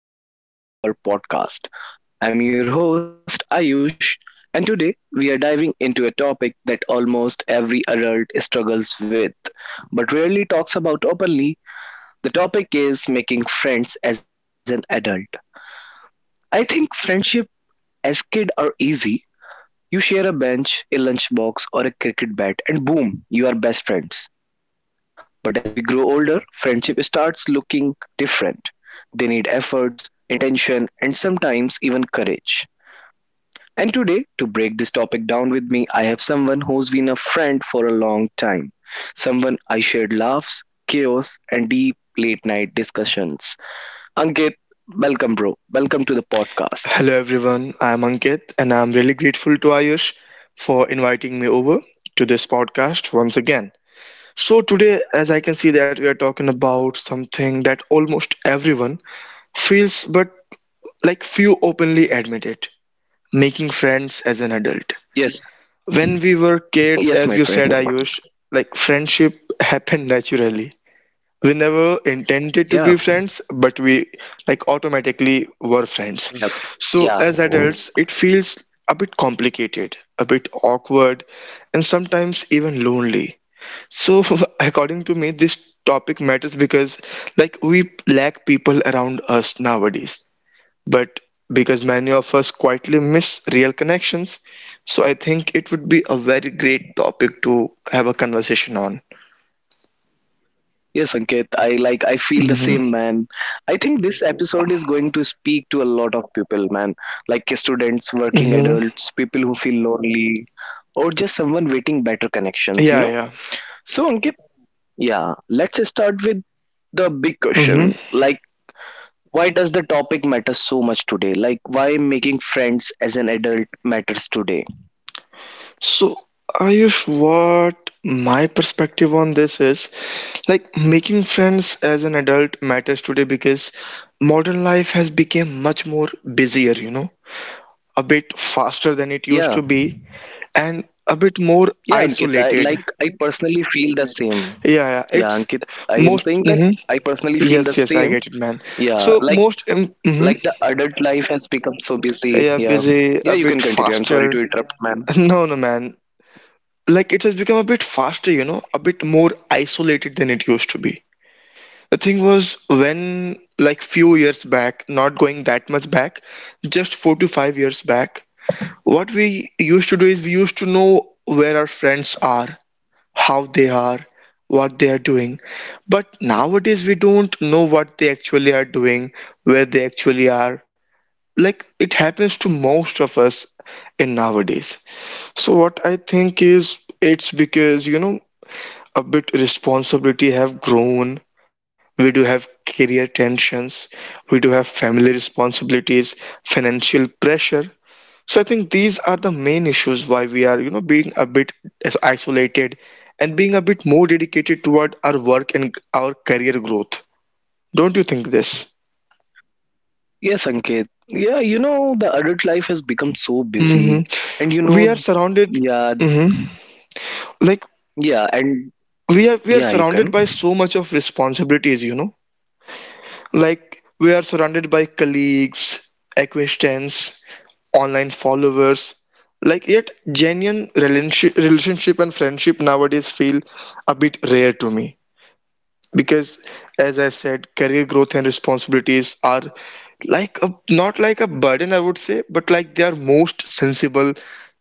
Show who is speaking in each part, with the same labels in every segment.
Speaker 1: welcome back to another episode of our podcast. I'm your host, Ayush, and today we are diving into a topic that almost every adult struggles with but rarely talks about openly. The topic is making friends as an adult. I think friendship as kid are easy you share a bench, a lunchbox, or a cricket bat, and boom, you are best friends. But as we grow older, friendship starts looking different. They need efforts, intention, and sometimes even courage. And today, to break this topic down with me, I have someone who's been a friend for a long time. Someone I shared laughs, chaos, and deep late night discussions. Ankit, welcome, bro. Welcome to the podcast.
Speaker 2: Hello everyone, I'm Ankit and I'm really grateful to Ayush for inviting me over to this podcast once again. So today, as I can see that we are talking about something that almost everyone feels but, like, few openly admit it: making friends as an adult.
Speaker 1: Yes,
Speaker 2: When we were kids, as
Speaker 1: yes,
Speaker 2: you
Speaker 1: my
Speaker 2: said,
Speaker 1: friend.
Speaker 2: Ayush, like, friendship happened naturally. We never intended to be
Speaker 1: Yeah,
Speaker 2: friends, but we like automatically were friends. So as
Speaker 1: yeah,
Speaker 2: adults it feels a bit complicated, a bit awkward, and sometimes even lonely. So according to me, this topic matters because, like, we lack people around us nowadays, but because many of us quietly miss real connections. So I think it would be a very great topic to have a conversation on.
Speaker 1: yes, Ankit, I feel the
Speaker 2: Hmm.
Speaker 1: same, man. I think this episode is going to speak to a lot of people, man. Like students, working
Speaker 2: Hmm.
Speaker 1: adults, people who feel lonely, or just someone waiting better connections,
Speaker 2: Yeah, yeah.
Speaker 1: So Ankit, yeah, let's start with the big
Speaker 2: Hmm.
Speaker 1: question. Like why does the topic matter so much today? Like why making friends as an adult matters today?
Speaker 2: So, Ayush, what my perspective on this is, like, making friends as an adult matters today because modern life has become much more busier, you know, a bit faster than it used
Speaker 1: Yeah.
Speaker 2: to be, and a bit more
Speaker 1: Yeah, Ankit, I
Speaker 2: isolated.
Speaker 1: like I personally feel the same.
Speaker 2: Yeah,
Speaker 1: Yeah,
Speaker 2: yeah,
Speaker 1: Ankit,
Speaker 2: it's
Speaker 1: I am saying that
Speaker 2: most.
Speaker 1: I
Speaker 2: Hmm.
Speaker 1: personally feel the
Speaker 2: Yes,
Speaker 1: same,
Speaker 2: yes, I get it, man.
Speaker 1: yeah, like
Speaker 2: So most,
Speaker 1: like the
Speaker 2: mm-hmm,
Speaker 1: adult life has become so busy, yeah.
Speaker 2: yeah,
Speaker 1: Yeah, you
Speaker 2: busy,
Speaker 1: can
Speaker 2: a bit
Speaker 1: continue. I'm sorry to
Speaker 2: faster.
Speaker 1: interrupt, ma'am.
Speaker 2: No, no, man. Like, it has become a bit faster, you know, a bit more isolated than it used to be. The thing was, when, like, few years back, not going that much back, just 4 to 5 years back, what we used to do is we used to know where our friends are, how they are, what they are doing. But nowadays we don't know what they actually are doing, where they actually are. Like it happens to most of us in nowadays. So what I think is, it's because, you know, a bit responsibility have grown, we do have career tensions, we do have family responsibilities, financial pressure. So I think these are the main issues why we are, you know, being a bit as isolated and being a bit more dedicated toward our work and our career growth. Don't you think this?
Speaker 1: Yes, Ankit. Yeah, you know, the adult life has become so
Speaker 2: Hmm.
Speaker 1: busy. And you
Speaker 2: We are
Speaker 1: know,
Speaker 2: surrounded.
Speaker 1: yeah,
Speaker 2: Hmm. Like,
Speaker 1: yeah, and
Speaker 2: we are
Speaker 1: yeah, you
Speaker 2: surrounded
Speaker 1: can.
Speaker 2: by so much of responsibilities, you know. Like, we are surrounded by colleagues, acquaintances, online followers. Like, yet genuine relationship and friendship nowadays feel a bit rare to me. Because, as I said, career growth and responsibilities are like a, not like a burden, I would say, but like they are most sensible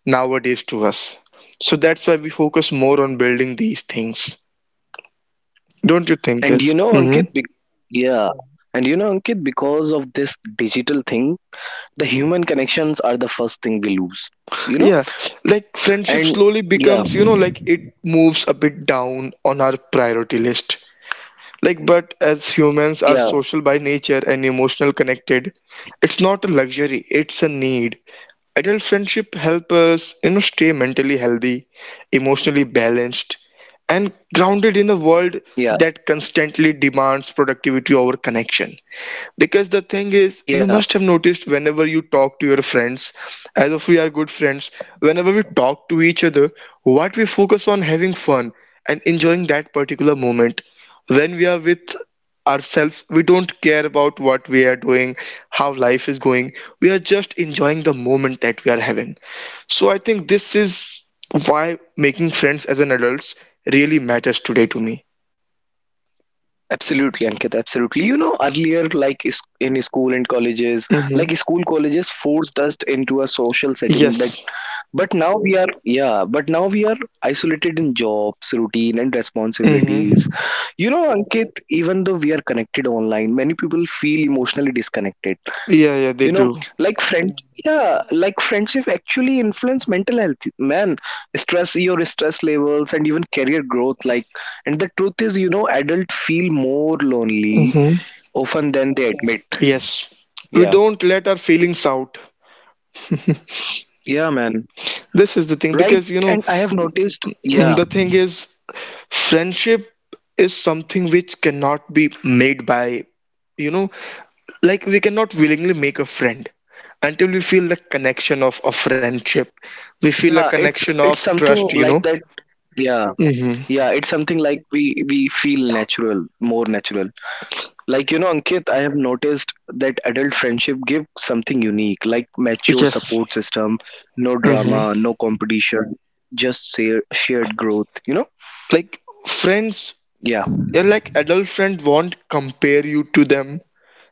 Speaker 2: nowadays to us. So that's why we focus more on building these things. Don't you think
Speaker 1: And you
Speaker 2: this?
Speaker 1: know, Ankit,
Speaker 2: Mm-hmm.
Speaker 1: yeah. And you know, Ankit, because of this digital thing, the human connections are the first thing we lose, you know?
Speaker 2: Yeah, like
Speaker 1: And
Speaker 2: friendship slowly
Speaker 1: yeah,
Speaker 2: becomes, you know, like it moves a bit down on our priority list. Like, but as humans are
Speaker 1: yeah,
Speaker 2: social by nature and emotional connected, it's not a luxury, it's a need. Adult friendship help us, you know, stay mentally healthy, emotionally balanced, and grounded in a
Speaker 1: yeah,
Speaker 2: world that constantly demands productivity over connection. Because the thing is,
Speaker 1: yeah.
Speaker 2: you must have noticed whenever you talk to your friends, as if we are good friends, whenever we talk to each other, what we focus on, having fun and enjoying that particular moment. When we are with ourselves, we don't care about what we are doing, how life is going. We are just enjoying the moment that we are having. So I think this is why making friends as an adult really matters today to me.
Speaker 1: Absolutely, Ankit. Absolutely. You know, earlier, like in school and colleges,
Speaker 2: Mm-hmm.
Speaker 1: like school colleges forced us into a social setting that,
Speaker 2: Yes.
Speaker 1: but now we are, yeah, but now we are isolated in jobs, routine, and responsibilities.
Speaker 2: Mm-hmm.
Speaker 1: You know, Ankit, even though we are connected online, many people feel emotionally disconnected,
Speaker 2: Yeah, yeah, they
Speaker 1: you know,
Speaker 2: do.
Speaker 1: like friend. Yeah. Yeah, like friendship actually influence mental health, man. Stress, your stress levels, and even career growth, like, and the truth is, you know, adults feel more lonely
Speaker 2: Hmm.
Speaker 1: often than they, yeah, admit.
Speaker 2: Yes. We
Speaker 1: Yeah,
Speaker 2: don't let our feelings out.
Speaker 1: yeah, man.
Speaker 2: This is the thing,
Speaker 1: Right,
Speaker 2: because, you
Speaker 1: and I
Speaker 2: know,
Speaker 1: have noticed, yeah,
Speaker 2: the thing is, friendship is something which cannot be made by, you know, like, we cannot willingly make a friend until we feel the connection of a friendship. We feel a
Speaker 1: yeah,
Speaker 2: connection
Speaker 1: it's
Speaker 2: of
Speaker 1: it's something
Speaker 2: trust, you know.
Speaker 1: like that, yeah,
Speaker 2: Mm-hmm.
Speaker 1: yeah, it's something like we feel natural, more natural. Like you know, Ankit, I have noticed that adult friendship give something unique, like mature
Speaker 2: Yes.
Speaker 1: support system, no drama,
Speaker 2: Mm-hmm.
Speaker 1: no competition, just share, shared growth.
Speaker 2: Like friends,
Speaker 1: Yeah,
Speaker 2: yeah, like, adult friend won't compare you to them.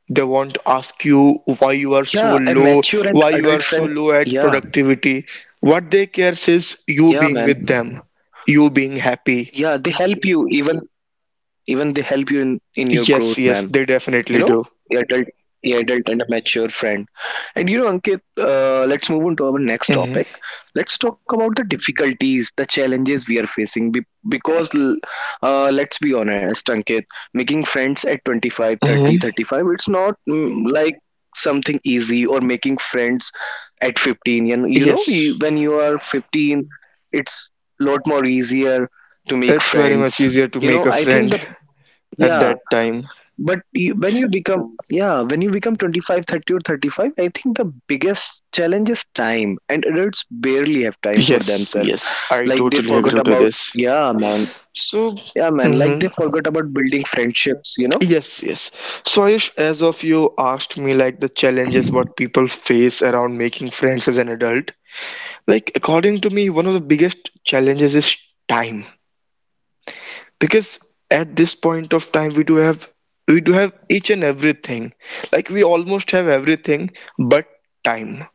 Speaker 2: They want to ask you why you are so
Speaker 1: yeah. A
Speaker 2: low,
Speaker 1: mature
Speaker 2: why
Speaker 1: and
Speaker 2: you are
Speaker 1: adult
Speaker 2: so low
Speaker 1: friend.
Speaker 2: at
Speaker 1: Yeah,
Speaker 2: productivity. What they care is you
Speaker 1: yeah,
Speaker 2: being
Speaker 1: man.
Speaker 2: with them, you being happy.
Speaker 1: Yeah, they help you, even they help you in your growth,
Speaker 2: Yes,
Speaker 1: man.
Speaker 2: yes, they
Speaker 1: You know,
Speaker 2: definitely do.
Speaker 1: the adult, the adult and a mature friend. And you know, Ankit, let's move on to our next
Speaker 2: Hmm.
Speaker 1: topic. Let's talk about the difficulties, the challenges we are facing, because l- let's be honest, Ankit. Making friends at 25,
Speaker 2: Hmm.
Speaker 1: 30, 35, it's not, like something easy, or making friends at 15, and you know you,
Speaker 2: Yes,
Speaker 1: when you are 15, it's lot more easier to make
Speaker 2: it's very much
Speaker 1: friends.
Speaker 2: easier to
Speaker 1: You
Speaker 2: make
Speaker 1: know,
Speaker 2: a
Speaker 1: I think
Speaker 2: friend
Speaker 1: the,
Speaker 2: at
Speaker 1: yeah,
Speaker 2: that time.
Speaker 1: but you, when you become, yeah, when you become 25, 30, or 35, I think the biggest challenge is time, and adults barely have time for
Speaker 2: Yes,
Speaker 1: themselves.
Speaker 2: yes, I
Speaker 1: Like they
Speaker 2: totally
Speaker 1: forgot
Speaker 2: agree to
Speaker 1: about,
Speaker 2: this.
Speaker 1: yeah, man,
Speaker 2: So,
Speaker 1: yeah, man, like
Speaker 2: hmm,
Speaker 1: they forgot about building friendships, you know.
Speaker 2: yes, yes. So, Ayush, as of you asked me, like, the challenges what people face around making friends as an adult. Like, according to me, one of the biggest challenges is time. Because at this point of time, we do have each and everything. Like, we almost have everything but time.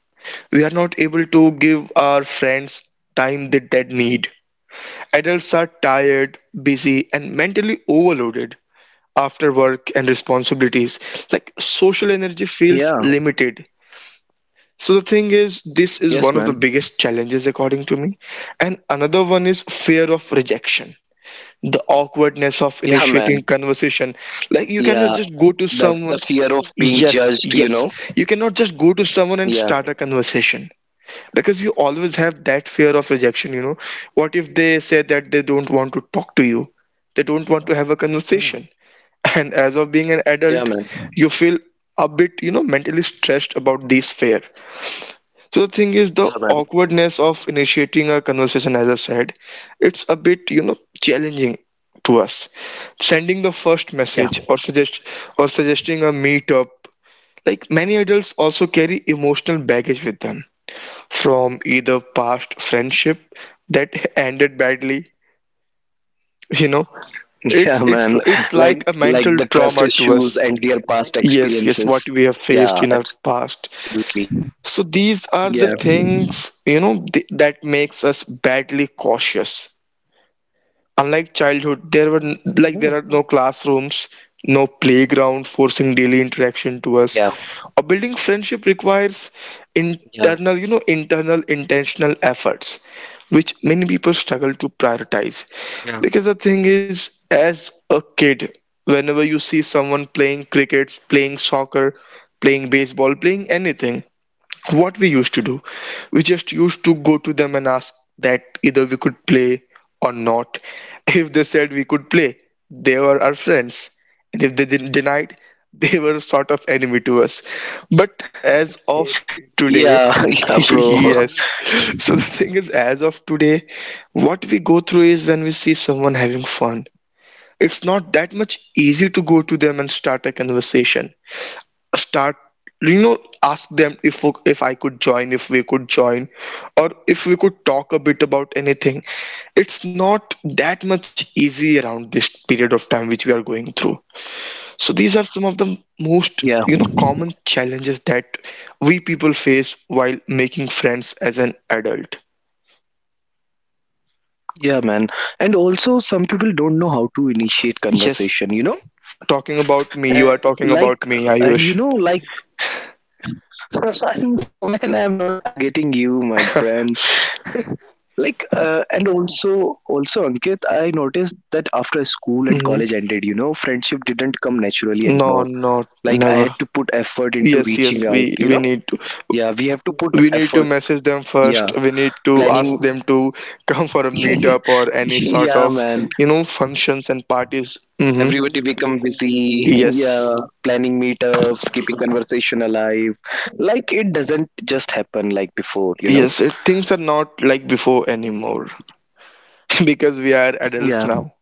Speaker 2: We are not able to give our friends time that they need. Adults are tired, busy, and mentally overloaded after work and responsibilities. Like, social energy feels
Speaker 1: Yeah,
Speaker 2: limited. So the thing is, this is
Speaker 1: yes,
Speaker 2: one
Speaker 1: man,
Speaker 2: of the biggest challenges according to me. And another one is fear of rejection, the awkwardness of
Speaker 1: yeah,
Speaker 2: initiating
Speaker 1: man,
Speaker 2: conversation. Like, you cannot
Speaker 1: yeah,
Speaker 2: just go to
Speaker 1: the
Speaker 2: someone.
Speaker 1: fear of being
Speaker 2: Yes,
Speaker 1: judged, you
Speaker 2: yes.
Speaker 1: know.
Speaker 2: You cannot just go to someone and
Speaker 1: Yeah,
Speaker 2: start a conversation. Because you always have that fear of rejection, you know. What if they say that they don't want to talk to you? They don't want to have a conversation.
Speaker 1: yeah,
Speaker 2: And as of being an adult,
Speaker 1: yeah, man,
Speaker 2: you feel a bit, you know, mentally stressed about this fear. So the thing is, the
Speaker 1: yeah, man,
Speaker 2: awkwardness of initiating a conversation, as I said, it's a bit, you know, challenging to us. Sending the first message or
Speaker 1: yeah,
Speaker 2: suggesting a meetup, like, many adults also carry emotional baggage with them from either past friendship that ended badly, you know.
Speaker 1: yeah,
Speaker 2: It's it's
Speaker 1: man,
Speaker 2: it's like
Speaker 1: like
Speaker 2: a
Speaker 1: like
Speaker 2: mental
Speaker 1: the trust
Speaker 2: trauma to
Speaker 1: issues
Speaker 2: us.
Speaker 1: and their past
Speaker 2: Yes, yes, what
Speaker 1: experiences.
Speaker 2: we have faced in our
Speaker 1: Yeah,
Speaker 2: past.
Speaker 1: absolutely,
Speaker 2: So these
Speaker 1: yeah.
Speaker 2: are the things, you know, that makes us badly cautious. Unlike childhood,
Speaker 1: And you
Speaker 2: like,
Speaker 1: know,
Speaker 2: there
Speaker 1: you
Speaker 2: are no
Speaker 1: can,
Speaker 2: classrooms,
Speaker 1: yeah,
Speaker 2: no playground forcing daily
Speaker 1: yeah,
Speaker 2: interaction to us. A building friendship requires
Speaker 1: yeah,
Speaker 2: internal, you know, internal intentional efforts, which many people struggle to prioritize.
Speaker 1: yeah,
Speaker 2: Because the thing is, as a kid, whenever you see someone playing cricket, playing soccer, playing baseball, playing anything, what we used to do, we just used to go to them and ask that either we could play or not. If they said we could play, they were our friends. And if they didn't denied, they were sort of enemy to us. But as of today.
Speaker 1: yeah, yeah, bro.
Speaker 2: Yes. So the thing is, as of today, what we go through is, when we see someone having fun, it's not that much easy to go to them and start a conversation, start, you know, ask them if I could join, if we could join, or if we could talk a bit about anything. It's not that much easy around this period of time which we are going through. So these are some of the most,
Speaker 1: yeah,
Speaker 2: you know,
Speaker 1: yeah,
Speaker 2: common challenges that we people face while making friends as an adult.
Speaker 1: yeah, man. And also, some people don't know how to initiate
Speaker 2: Yes,
Speaker 1: conversation,
Speaker 2: talking about
Speaker 1: And
Speaker 2: me, you are talking
Speaker 1: like,
Speaker 2: about me,
Speaker 1: and you
Speaker 2: Ayush.
Speaker 1: know, like, I know, man, I'm not targeting you, my friend. Like, and also, also, Ankit, I noticed that after school and
Speaker 2: Mhm.
Speaker 1: college ended, you know, friendship didn't come naturally
Speaker 2: No,
Speaker 1: anymore.
Speaker 2: no.
Speaker 1: Like I
Speaker 2: Never.
Speaker 1: had to put effort
Speaker 2: Yes,
Speaker 1: into
Speaker 2: yes,
Speaker 1: reaching
Speaker 2: we,
Speaker 1: out,
Speaker 2: we
Speaker 1: you know.
Speaker 2: need to
Speaker 1: Yeah, we have to put
Speaker 2: we need to
Speaker 1: effort,
Speaker 2: message them first,
Speaker 1: yeah,
Speaker 2: we need to ask
Speaker 1: planning.
Speaker 2: them to come for a meetup or any sort
Speaker 1: Yeah,
Speaker 2: of,
Speaker 1: man,
Speaker 2: you know, functions and parties. Hmm.
Speaker 1: everybody become busy. Yeah,
Speaker 2: Yes,
Speaker 1: planning meetups, keeping conversation alive, like it doesn't just happen like before, you know.
Speaker 2: yes, it, things are not like before anymore. Because we are adults
Speaker 1: Yeah,
Speaker 2: now.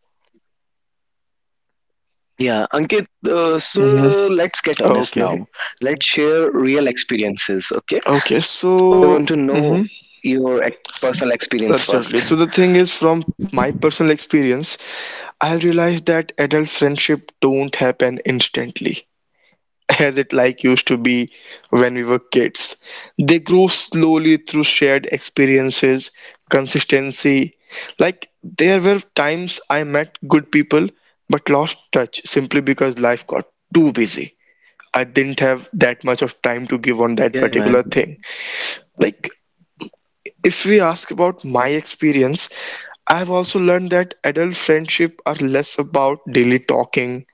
Speaker 1: yeah, Ankit, so
Speaker 2: Hmm.
Speaker 1: let's get honest
Speaker 2: Okay.
Speaker 1: now. Let's share real experiences. Okay,
Speaker 2: Okay,
Speaker 1: so I want to
Speaker 2: so.
Speaker 1: know
Speaker 2: Hmm.
Speaker 1: your personal experience first.
Speaker 2: Absolutely. So the thing is, from my personal experience, I have realized that adult friendship don't happen instantly as it, like, used to be when we were kids. They grew slowly through shared experiences, consistency. Like, there were times I met good people but lost touch simply because life got too busy. I didn't have that much of
Speaker 1: Yeah,
Speaker 2: time to
Speaker 1: man,
Speaker 2: give on that particular thing. Like,
Speaker 1: yeah,
Speaker 2: if we ask about my experience, I've also learned that adult friendship are less about daily talking.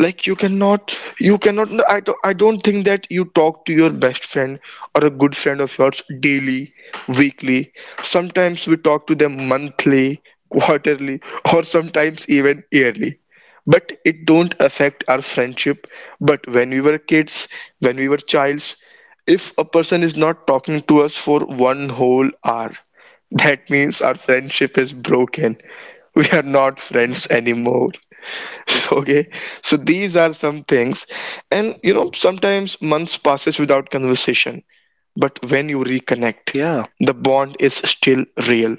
Speaker 2: Like, you cannot no, I I don't think that you talk to your best friend or a good friend of yours daily, weekly. Sometimes we talk to them monthly, quarterly, or sometimes even yearly, but it don't affect our friendship. But when we were kids, when we were childs, if a person is not talking to us for one whole hour, that means our friendship is broken, we are not friends anymore. Okay. So these are some things. And you know, sometimes months passes without conversation, but when you reconnect,
Speaker 1: yeah,
Speaker 2: the bond is still real,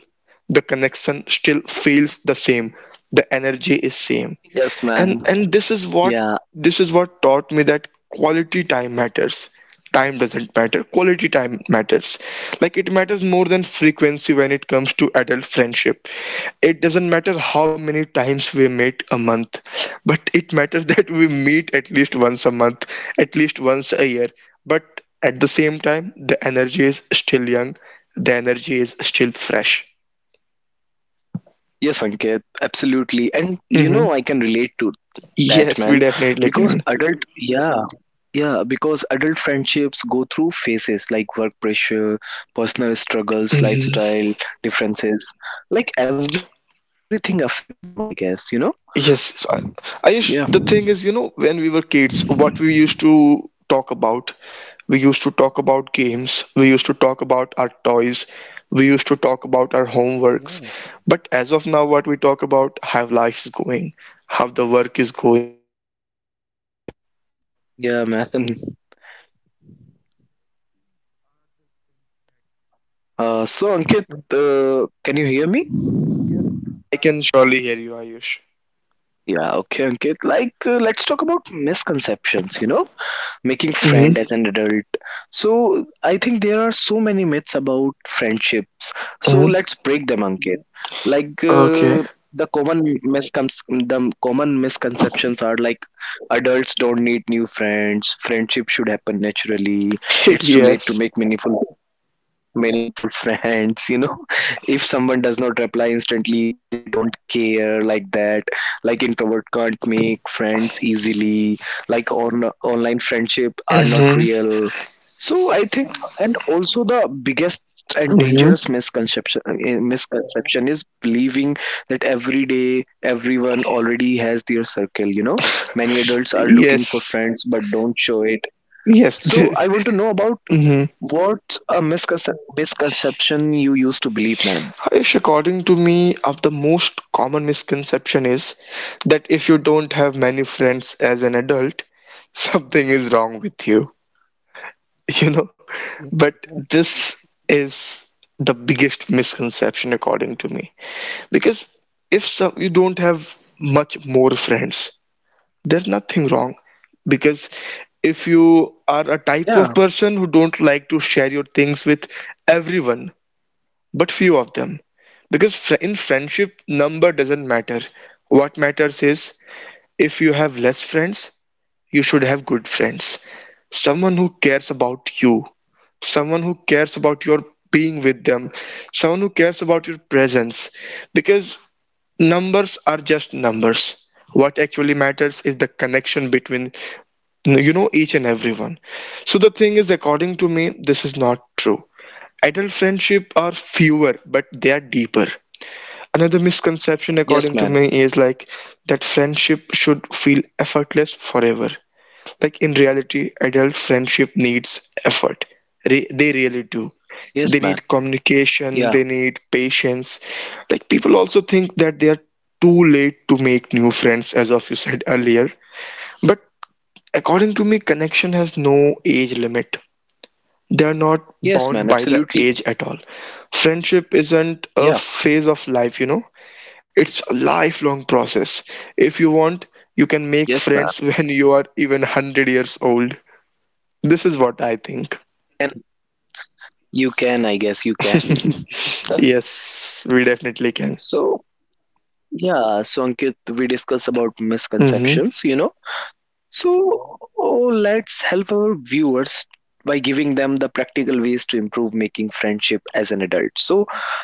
Speaker 2: the connection still feels the same, the energy is same.
Speaker 1: yes, man.
Speaker 2: And this is what
Speaker 1: Yeah,
Speaker 2: this is what taught me that quality time matters. Time doesn't matter, quality time matters. Like, it matters more than frequency when it comes to adult friendship. It doesn't matter how many times we meet a month, but it matters that we meet at least once a month, at least once a year. But at the same time, the energy is still young, the energy is still fresh.
Speaker 1: yes, Ankit, absolutely. And you
Speaker 2: Hmm.
Speaker 1: know, I can relate to that,
Speaker 2: Yes, we
Speaker 1: man,
Speaker 2: definitely
Speaker 1: because
Speaker 2: can.
Speaker 1: adult, yeah, right. Yeah, because adult friendships go through phases like work pressure, personal struggles,
Speaker 2: Mm-hmm.
Speaker 1: lifestyle differences, like everything affect them, I guess, you know?
Speaker 2: Yes, so
Speaker 1: Yeah,
Speaker 2: Ayush, the thing is, you know, when we were kids, what we used to talk about, we used to talk about games, we used to talk about our toys, we used to talk about our
Speaker 1: yeah,
Speaker 2: homeworks. But as of now, what we talk about, how life is going, how the work is going.
Speaker 1: yeah, man. So Ankit,
Speaker 2: Yes, I can
Speaker 1: can you
Speaker 2: surely
Speaker 1: hear
Speaker 2: hear
Speaker 1: me?
Speaker 2: you, Ayush.
Speaker 1: Yeah, okay, Ankit. Like, let's talk about
Speaker 2: Mm-hmm.
Speaker 1: misconceptions, Making friend as an adult, so I think there are so many myths about
Speaker 2: Mm-hmm.
Speaker 1: friendships, so let's break them, Ankit.
Speaker 2: Okay.
Speaker 1: Like, the common miscons- the common misconceptions are like, adults don't need new friends, friendship should happen naturally, it's too
Speaker 2: Yes.
Speaker 1: late to make meaningful friends, you know. If someone does not reply instantly, they don't care, like that. Like introvert can't make friends easily, like on online friendship are not
Speaker 2: Mm-hmm.
Speaker 1: real. So I think, and also the biggest and
Speaker 2: Mm-hmm.
Speaker 1: dangerous misconception, misconception is believing that every day everyone already has their circle, you know. Many adults are looking for
Speaker 2: Yes.
Speaker 1: friends but don't show it.
Speaker 2: Yes.
Speaker 1: So I want to know about
Speaker 2: Mm-hmm.
Speaker 1: what's a misconception you used to believe, man.
Speaker 2: Aish, according to me, of the most common misconception is that if you don't have many friends as an adult, something is wrong with you, you know?
Speaker 1: Yes,
Speaker 2: But
Speaker 1: absolutely.
Speaker 2: this is the biggest misconception according to me. Because if some, you don't have much more friends, there's nothing wrong. Because if you are a
Speaker 1: Yeah.
Speaker 2: type of person who don't like to share your things with everyone, but few of them, because in friendship, number doesn't matter. What matters is if you have less friends, you should have good friends. Someone who cares about you, someone who cares about your being with them, someone who cares about your presence. Because numbers are just numbers. What actually matters is the connection between each and everyone. So the thing is, according to me, this is not true. Adult friendship are fewer, but they are deeper. Another misconception according to
Speaker 1: Yes,
Speaker 2: me
Speaker 1: man.
Speaker 2: is like that friendship should feel effortless forever. Like in reality, adult friendship needs effort. They really do. They
Speaker 1: Yes,
Speaker 2: need
Speaker 1: man.
Speaker 2: communication, they
Speaker 1: Yeah.
Speaker 2: need patience. Like people also think that they are too late to make new friends as of you said earlier. But according to me, connection has no age limit. They are not
Speaker 1: Yes,
Speaker 2: bound
Speaker 1: man.
Speaker 2: by the
Speaker 1: Absolutely.
Speaker 2: age at all. Friendship isn't a
Speaker 1: Yeah.
Speaker 2: phase of life, you know. It's a lifelong process. If you want, you can make
Speaker 1: Yes,
Speaker 2: friends
Speaker 1: man.
Speaker 2: when you are even 100 years old. This is what I think.
Speaker 1: And you can, I guess you can.
Speaker 2: Yes, we definitely can.
Speaker 1: So, yeah, so Ankit, we discuss about
Speaker 2: Mm-hmm.
Speaker 1: misconceptions, you know. So, oh, let's help our viewers by giving them the practical ways to improve making friendship as an adult. So,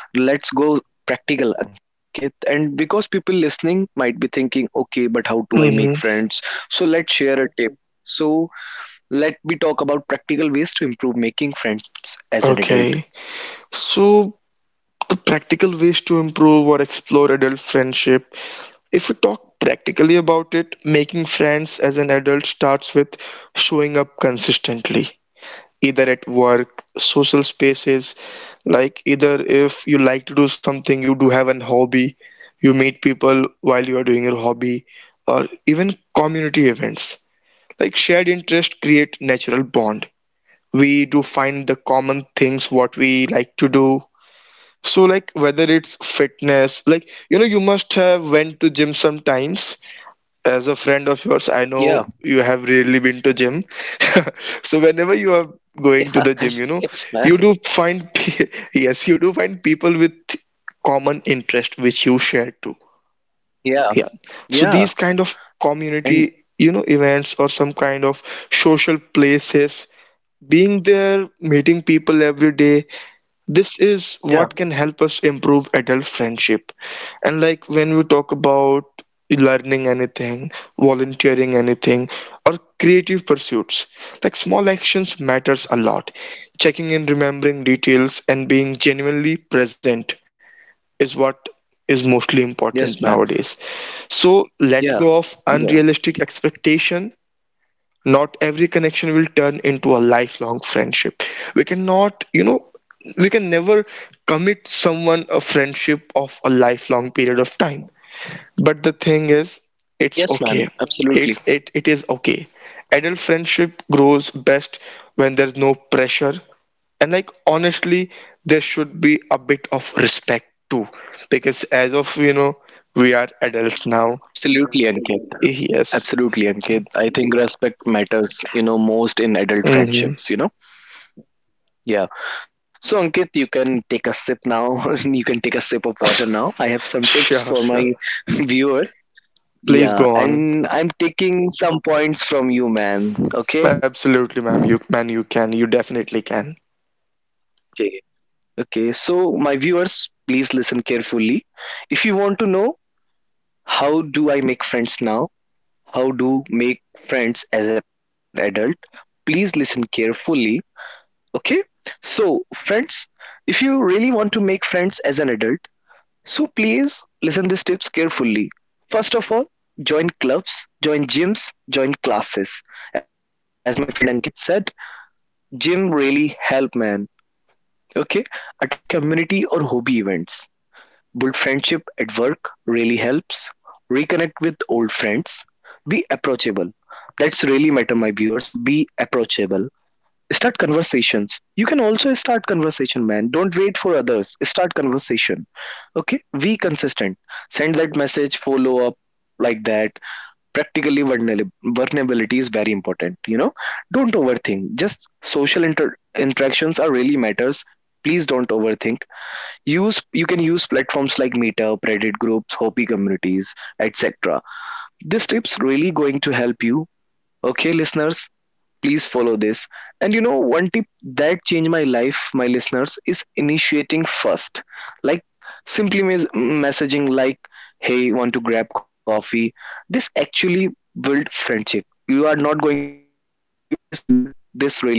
Speaker 1: let's go practical, Ankit. And because people listening might be thinking, okay, but how do I make friends?
Speaker 2: Mm-hmm.
Speaker 1: So, let's share a tip. So, let me talk about practical ways to improve making friends as an adult.
Speaker 2: Okay. So, the practical ways to improve or explore adult friendship. If we talk practically about it, making friends as an adult starts with showing up consistently, either at work, social spaces. Like either if you like to do something, you do have an hobby, you meet people while you are doing your hobby, or even community events. Like shared interest create natural bond. We do find the common things what we like to do. So like whether it's fitness, you must have went to gym sometimes. As a friend of yours, I know
Speaker 1: Yeah,
Speaker 2: you have rarely been to gym. So whenever you are going to
Speaker 1: yeah,
Speaker 2: the gym.
Speaker 1: yes, man.
Speaker 2: You do find yes, you do find people with common interest which you share too.
Speaker 1: Yeah,
Speaker 2: Yeah, so
Speaker 1: yeah,
Speaker 2: these kind of
Speaker 1: and
Speaker 2: community, events or some kind of social places, being there, meeting people every day, this is
Speaker 1: yeah,
Speaker 2: what can help us improve adult friendship. And like when we talk about learning anything, volunteering anything, or creative pursuits, like small actions matters a lot. Checking in, remembering details, and being genuinely present is what is mostly important
Speaker 1: yes, man.
Speaker 2: nowadays. So let
Speaker 1: Yeah,
Speaker 2: go of
Speaker 1: yeah,
Speaker 2: unrealistic expectation. Not every connection will turn into a lifelong friendship. We cannot, we can never commit someone a friendship of a lifelong period of time. But the thing is, it's
Speaker 1: yes,
Speaker 2: okay.
Speaker 1: man.
Speaker 2: it's
Speaker 1: Absolutely,
Speaker 2: it, it is okay. Adult friendship grows best when there's no pressure. And like honestly, there should be a bit of respect too, because as of you know, we are adults now.
Speaker 1: absolutely, Ankit.
Speaker 2: Yes.
Speaker 1: Absolutely, Ankit. I think respect matters, you know, most in adult
Speaker 2: Hmm.
Speaker 1: friendships, you know. Yeah. So, Ankit, you can take a sip now. You can take a sip of water now. I have some tips
Speaker 2: Sure,
Speaker 1: for
Speaker 2: sure.
Speaker 1: my viewers.
Speaker 2: Please
Speaker 1: Yeah,
Speaker 2: go on.
Speaker 1: and I'm taking some points from you, man. Okay.
Speaker 2: Absolutely, ma'am. You man, you can. You definitely can.
Speaker 1: Okay. Okay. So, my viewers, please listen carefully. If you want to know, how do I make friends now? How do make friends as an adult? Please listen carefully, okay? So, friends, if you really want to make friends as an adult, so please listen these tips carefully. First of all, join clubs, join gyms, join classes. As my friend Ankit said, gym really help, man. Okay, attend community or hobby events, build friendship at work really helps. Reconnect with old friends. Be approachable. That's really matter, my viewers. Be approachable. Start conversations. You can also start conversation, man. Don't wait for others. Start conversation. Okay? Be consistent. Send that message, follow up like that. Practically vulnerability is very important. You know, don't overthink. Just social interactions are really matters. Please don't overthink. Use, you can use platforms like Meetup, Reddit groups, Hopi communities, etc. This tip's really going to help you. Okay, listeners, please follow this. And you know, one tip that changed my life, my listeners, is initiating first. Like simply messaging like, hey, want to grab coffee? This actually build friendship. You are not going to believe this, but this really works.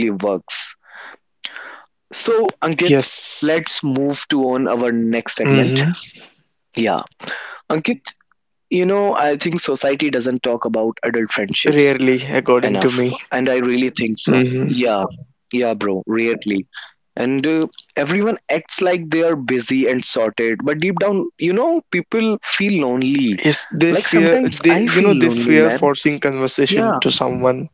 Speaker 1: So Ankit, let's move
Speaker 2: Yes.
Speaker 1: to on our next segment.
Speaker 2: Mm-hmm.
Speaker 1: Yeah, Ankit, you know, I think society doesn't talk about adult friendships
Speaker 2: Rarely, according
Speaker 1: enough,
Speaker 2: to me.
Speaker 1: and I really think so.
Speaker 2: Mm-hmm.
Speaker 1: Yeah, yeah, bro, rarely. And everyone acts like they are busy and sorted, but deep down, you know, people feel lonely.
Speaker 2: Yes, they
Speaker 1: Like
Speaker 2: fear.
Speaker 1: sometimes I
Speaker 2: You know,
Speaker 1: feel
Speaker 2: they
Speaker 1: lonely,
Speaker 2: fear
Speaker 1: man.
Speaker 2: forcing
Speaker 1: Yeah.
Speaker 2: conversation to someone.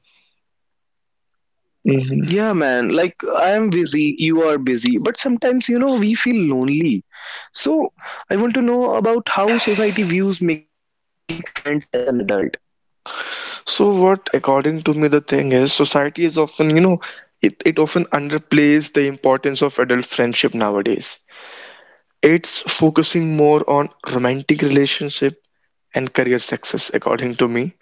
Speaker 2: Mm-hmm.
Speaker 1: Yeah, man. Like, I am busy, you are busy, but sometimes, you know, we feel lonely. So, I want to know about how society views making friends as an adult.
Speaker 2: So what, according to me, the thing is, society is often, you know, it often underplays the importance of adult friendship nowadays. It's focusing more on romantic relationship and career success, according to me.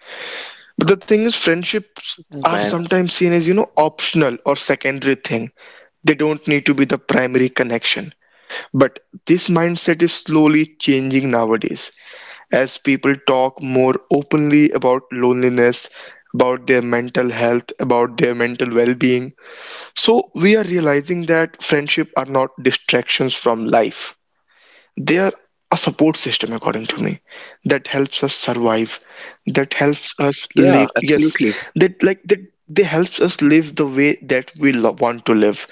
Speaker 2: But the thing is, friendships
Speaker 1: Yeah,
Speaker 2: are
Speaker 1: man.
Speaker 2: sometimes seen as, you know, optional or secondary thing. They don't need to be the primary connection. But this mindset is slowly changing nowadays, as people talk more openly about loneliness, about their mental health, about their mental well being. So we are realizing that friendship are not distractions from life. They are a support system according to me, that helps us survive, that helps us live.
Speaker 1: Yeah,
Speaker 2: Yes,
Speaker 1: absolutely.
Speaker 2: that like that, they helps us live the way that we want to live.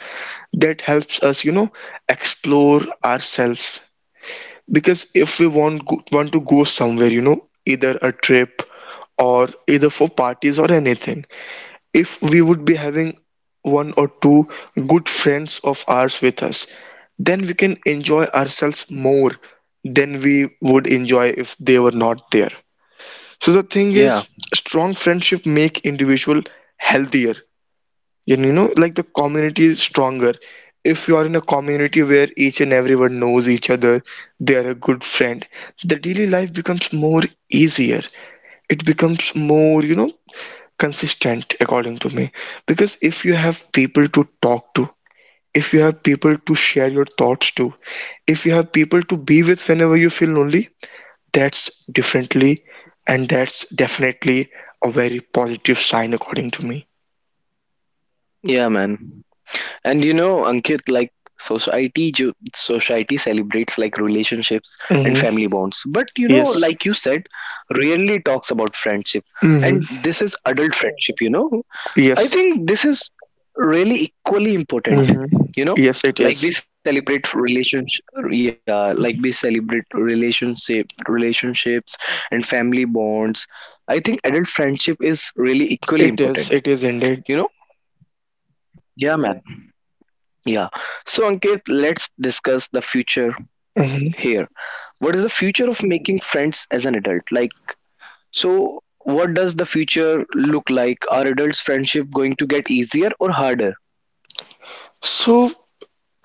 Speaker 2: That helps us, you know, explore ourselves. Because if we want to go somewhere, you know, either a trip or either for parties or anything, if we would be having one or two good friends of ours with us, then we can enjoy ourselves more than we would enjoy if they were not there. So the thing is,
Speaker 1: Yeah,
Speaker 2: strong friendship make individual healthier. You know, like the community is stronger. If you are in a community where each and everyone knows each other, they are a good friend, the daily life becomes more easier. It becomes more, you know, consistent according to me. Because if you have people to talk to, if you have people to share your thoughts to, if you have people to be with whenever you feel lonely, that's differently, and that's definitely a very positive sign according to me.
Speaker 1: yeah, man. And you know, Ankit, like society, society celebrates like relationships and
Speaker 2: Hmm.
Speaker 1: family bonds, but you know,
Speaker 2: Yes.
Speaker 1: like you said, rarely talks about friendship.
Speaker 2: Hmm.
Speaker 1: And this is adult friendship. You know, I
Speaker 2: Yes.
Speaker 1: think this is really equally important.
Speaker 2: Hmm.
Speaker 1: You know,
Speaker 2: Yes, it
Speaker 1: like
Speaker 2: is.
Speaker 1: we celebrate relationship, yeah, like we celebrate relationship, relationships and family bonds. I think adult friendship is really equally important.
Speaker 2: It is indeed.
Speaker 1: You know, yeah, man. Yeah. So, Ankit, let's discuss the future
Speaker 2: Hmm.
Speaker 1: here. What is the future of making friends as an adult? Like, so what does the future look like? Are adults' friendship going to get easier or harder?
Speaker 2: So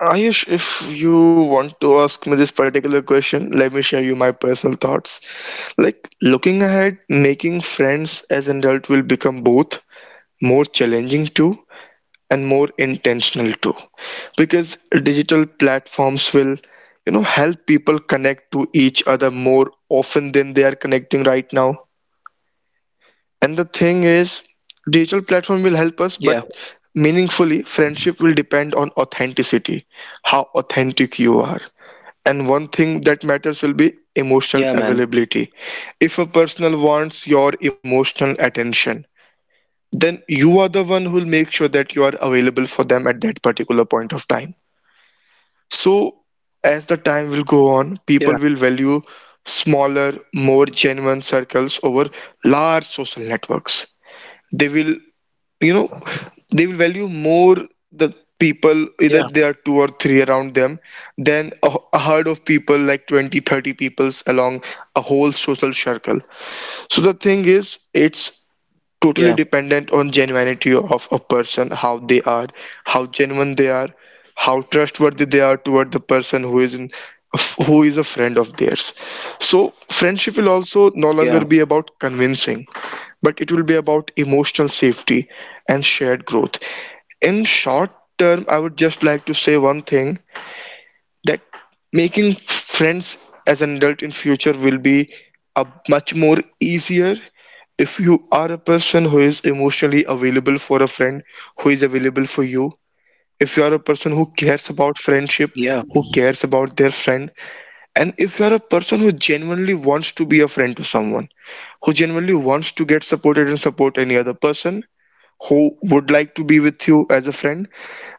Speaker 2: Ayush, if you want to ask me this particular question, let me share you my personal thoughts. Like looking ahead, making friends as an adult will become both more challenging too and more intentional too. Because digital platforms will, you know, help people connect to each other more often than they are connecting right now. And the thing is, digital platform will
Speaker 1: Yeah.
Speaker 2: help us, but meaningfully, friendship will depend on authenticity, how authentic you are. And one thing that matters will be
Speaker 1: Yeah, man.
Speaker 2: emotional availability. If a person wants your emotional attention, then you are the one who will make sure that you are available for them at that particular point of time. So, as the time will go
Speaker 1: Yeah.
Speaker 2: on, people will value smaller, more genuine circles over large social networks. They will, you know they will value more the
Speaker 1: Yeah.
Speaker 2: people, either there are two or three around them, than a herd of people like 20, 30 peoples along a whole social circle. So the thing is, it's
Speaker 1: Yeah.
Speaker 2: totally dependent on genuinity of a person, how they are, how genuine they are, how trustworthy they are toward the person who is a friend of theirs. So friendship will also no longer
Speaker 1: Yeah.
Speaker 2: be about convincing, but it will be about emotional safety and shared growth. In short term, I would just like to say one thing, that making friends as an adult in future will be a much more easier if you are a person who is emotionally available for a friend who is available for you, if you are a person who cares about friendship,
Speaker 1: Yeah.
Speaker 2: who cares about their friend, and if you are a person who genuinely wants to be a friend to someone, who genuinely wants to get supported and support any other person who would like to be with you as a friend,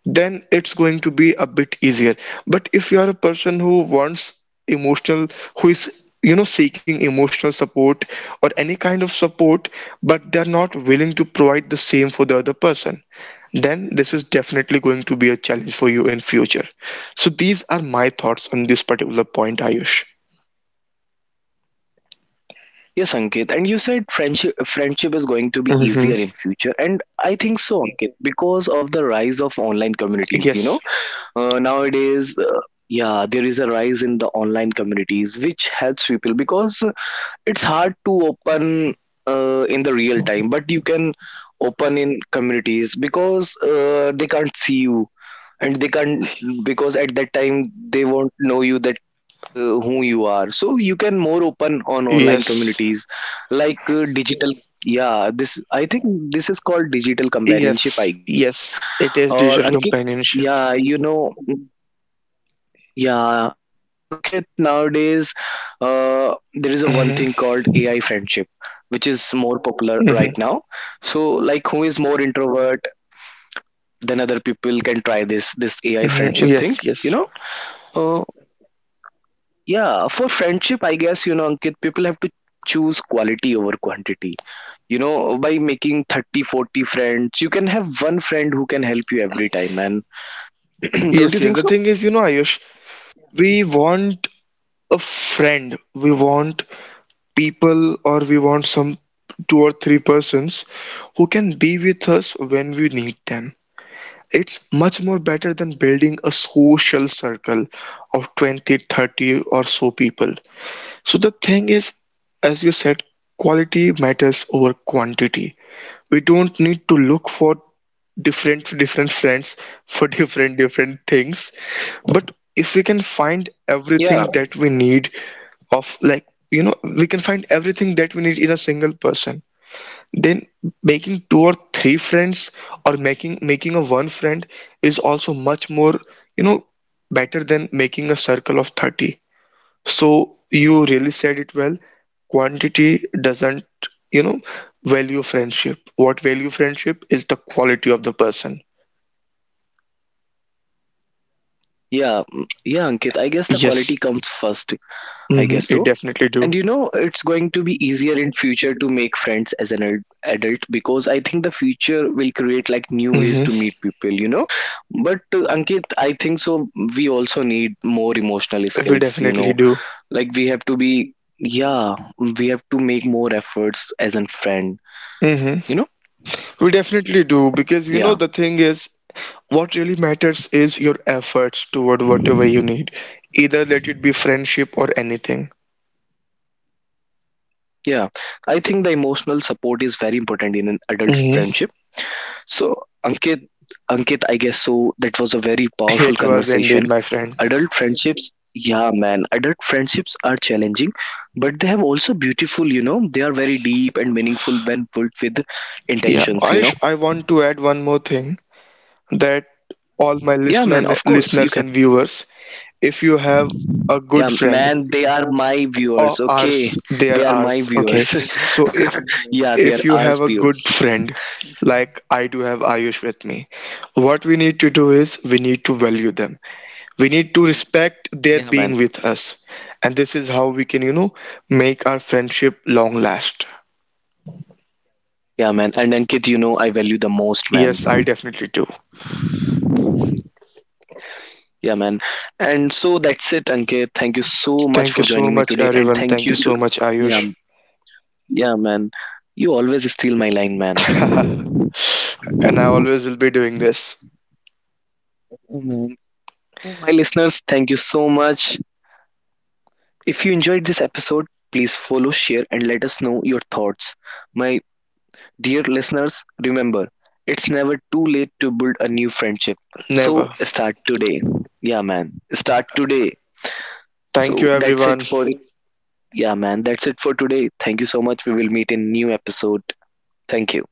Speaker 2: then it's going to be a bit easier. But if you are a person who wants emotional, who is, you know, seeking emotional support or any kind of support, but they're not willing to provide the same for the other person, then this is definitely going to be a challenge for you in future. So these are my thoughts on this particular point, Ayush.
Speaker 1: Yes, Ankit. And you said friendship is going to be easier
Speaker 2: Hmm.
Speaker 1: in future, and I think so, Ankit, because of the rise of online communities. You know,
Speaker 2: Yes.
Speaker 1: nowadays, yeah, there is a rise in the online communities which helps people, because it's hard to open in the real time, but you can open in communities because they can't see you, and they can't, because at that time, they won't know you that who you are, so you can more open on online
Speaker 2: Yes.
Speaker 1: communities. Like, digital, yeah, this I think, this is called digital companionship,
Speaker 2: Yes.
Speaker 1: I
Speaker 2: Yes,
Speaker 1: guess.
Speaker 2: it is
Speaker 1: Or
Speaker 2: digital
Speaker 1: Ankit,
Speaker 2: companionship.
Speaker 1: yeah, you know, yeah, you know, Ankit, nowadays there is a one
Speaker 2: Hmm.
Speaker 1: thing called AI friendship, which is more popular
Speaker 2: Hmm.
Speaker 1: right now. So, like, who is more introvert than other people can try this AI
Speaker 2: Hmm. Yes.
Speaker 1: friendship
Speaker 2: Yes.
Speaker 1: thing. You know, uh, yeah, for friendship, I guess you know, Ankit, people have to choose quality over quantity. You know, by making 30, 40 friends, you can have one friend who can help you every time, and
Speaker 2: Yes, yes. The thing
Speaker 1: don't you
Speaker 2: is, you
Speaker 1: think
Speaker 2: know,
Speaker 1: so?
Speaker 2: Ayush, we want a friend. We want people, or we want some two or three persons who can be with us when we need them. It's much more better than building a social circle of 20, 30, or so people. So the thing is, as you said, quality matters over quantity. We don't need to look for different different friends for different different things, but if we can find everything that we
Speaker 1: Yeah,
Speaker 2: need, of like, you know, we can find everything that we need in a single person, then making two or three friends, or making a one friend, is also much more, you know, better than making a circle of 30. So you really said it well. Quantity doesn't, you know, value friendship. What value friendship is the quality of the person.
Speaker 1: yeah, yeah, Ankit. I guess the quality
Speaker 2: Yes,
Speaker 1: comes first. I
Speaker 2: hmm,
Speaker 1: guess
Speaker 2: it
Speaker 1: so.
Speaker 2: definitely do.
Speaker 1: And you know, it's going to be easier in future to make friends as an adult, because I think the future will create like new
Speaker 2: Hmm.
Speaker 1: ways to meet people, you know. But Ankit, I think so. We also need more emotional
Speaker 2: We
Speaker 1: skills, you
Speaker 2: definitely
Speaker 1: know,
Speaker 2: do.
Speaker 1: like we have to be, yeah, we have to make more efforts as a friend,
Speaker 2: Hmm.
Speaker 1: you know.
Speaker 2: We definitely do, because you know the
Speaker 1: Yeah,
Speaker 2: thing is, what really matters is your efforts toward whatever you need. Either let it be friendship or anything.
Speaker 1: yeah. I think the emotional support is very important in an adult
Speaker 2: Hmm.
Speaker 1: friendship. So, Ankit, Ankit, I guess so. That was a very powerful
Speaker 2: It was indeed,
Speaker 1: conversation.
Speaker 2: my friend.
Speaker 1: Adult friendships, yeah, man. Adult friendships are challenging, but they have also beautiful. You know, they are very deep and meaningful when built with
Speaker 2: Yeah,
Speaker 1: intentions. You know,
Speaker 2: Ayush, I want to add one more thing, that all my
Speaker 1: yeah, man. Of course, you
Speaker 2: listeners
Speaker 1: can.
Speaker 2: and viewers, if you have a good
Speaker 1: Yeah,
Speaker 2: friend,
Speaker 1: man. They are my
Speaker 2: or
Speaker 1: viewers. Okay,
Speaker 2: ours, they
Speaker 1: they
Speaker 2: are
Speaker 1: are my
Speaker 2: ours. Okay,
Speaker 1: viewers.
Speaker 2: so
Speaker 1: yeah, they
Speaker 2: if
Speaker 1: are
Speaker 2: you
Speaker 1: our
Speaker 2: have a good
Speaker 1: viewers.
Speaker 2: friend like I do have Ayush with me, what we need to do is we need to value them. We need to respect their
Speaker 1: Yeah, man.
Speaker 2: being with us. And this is how we can, you know, make our friendship long last.
Speaker 1: Yeah, man. And Ankit, you know, I value the most, man.
Speaker 2: Yes, I definitely do.
Speaker 1: Yeah, man. And so that's it, Ankit. Thank you so much for
Speaker 2: Thank you
Speaker 1: joining
Speaker 2: so
Speaker 1: me
Speaker 2: much,
Speaker 1: today. And
Speaker 2: everyone.
Speaker 1: thank you
Speaker 2: Thank you
Speaker 1: to.
Speaker 2: so much,
Speaker 1: Yeah,
Speaker 2: Ayush.
Speaker 1: yeah, man. You always steal my line, man.
Speaker 2: And I always will be doing this.
Speaker 1: Oh, man. So, my listeners, thank you so much. If you enjoyed this episode, please follow, share, and let us know your thoughts. My dear listeners, remember, it's never too late to build a new friendship. So,
Speaker 2: Never.
Speaker 1: start today. Yeah, man. Start today.
Speaker 2: Thank
Speaker 1: So,
Speaker 2: you,
Speaker 1: that's it
Speaker 2: everyone.
Speaker 1: for, yeah, man, that's it for today. Thank you so much. We will meet in new episode. Thank you.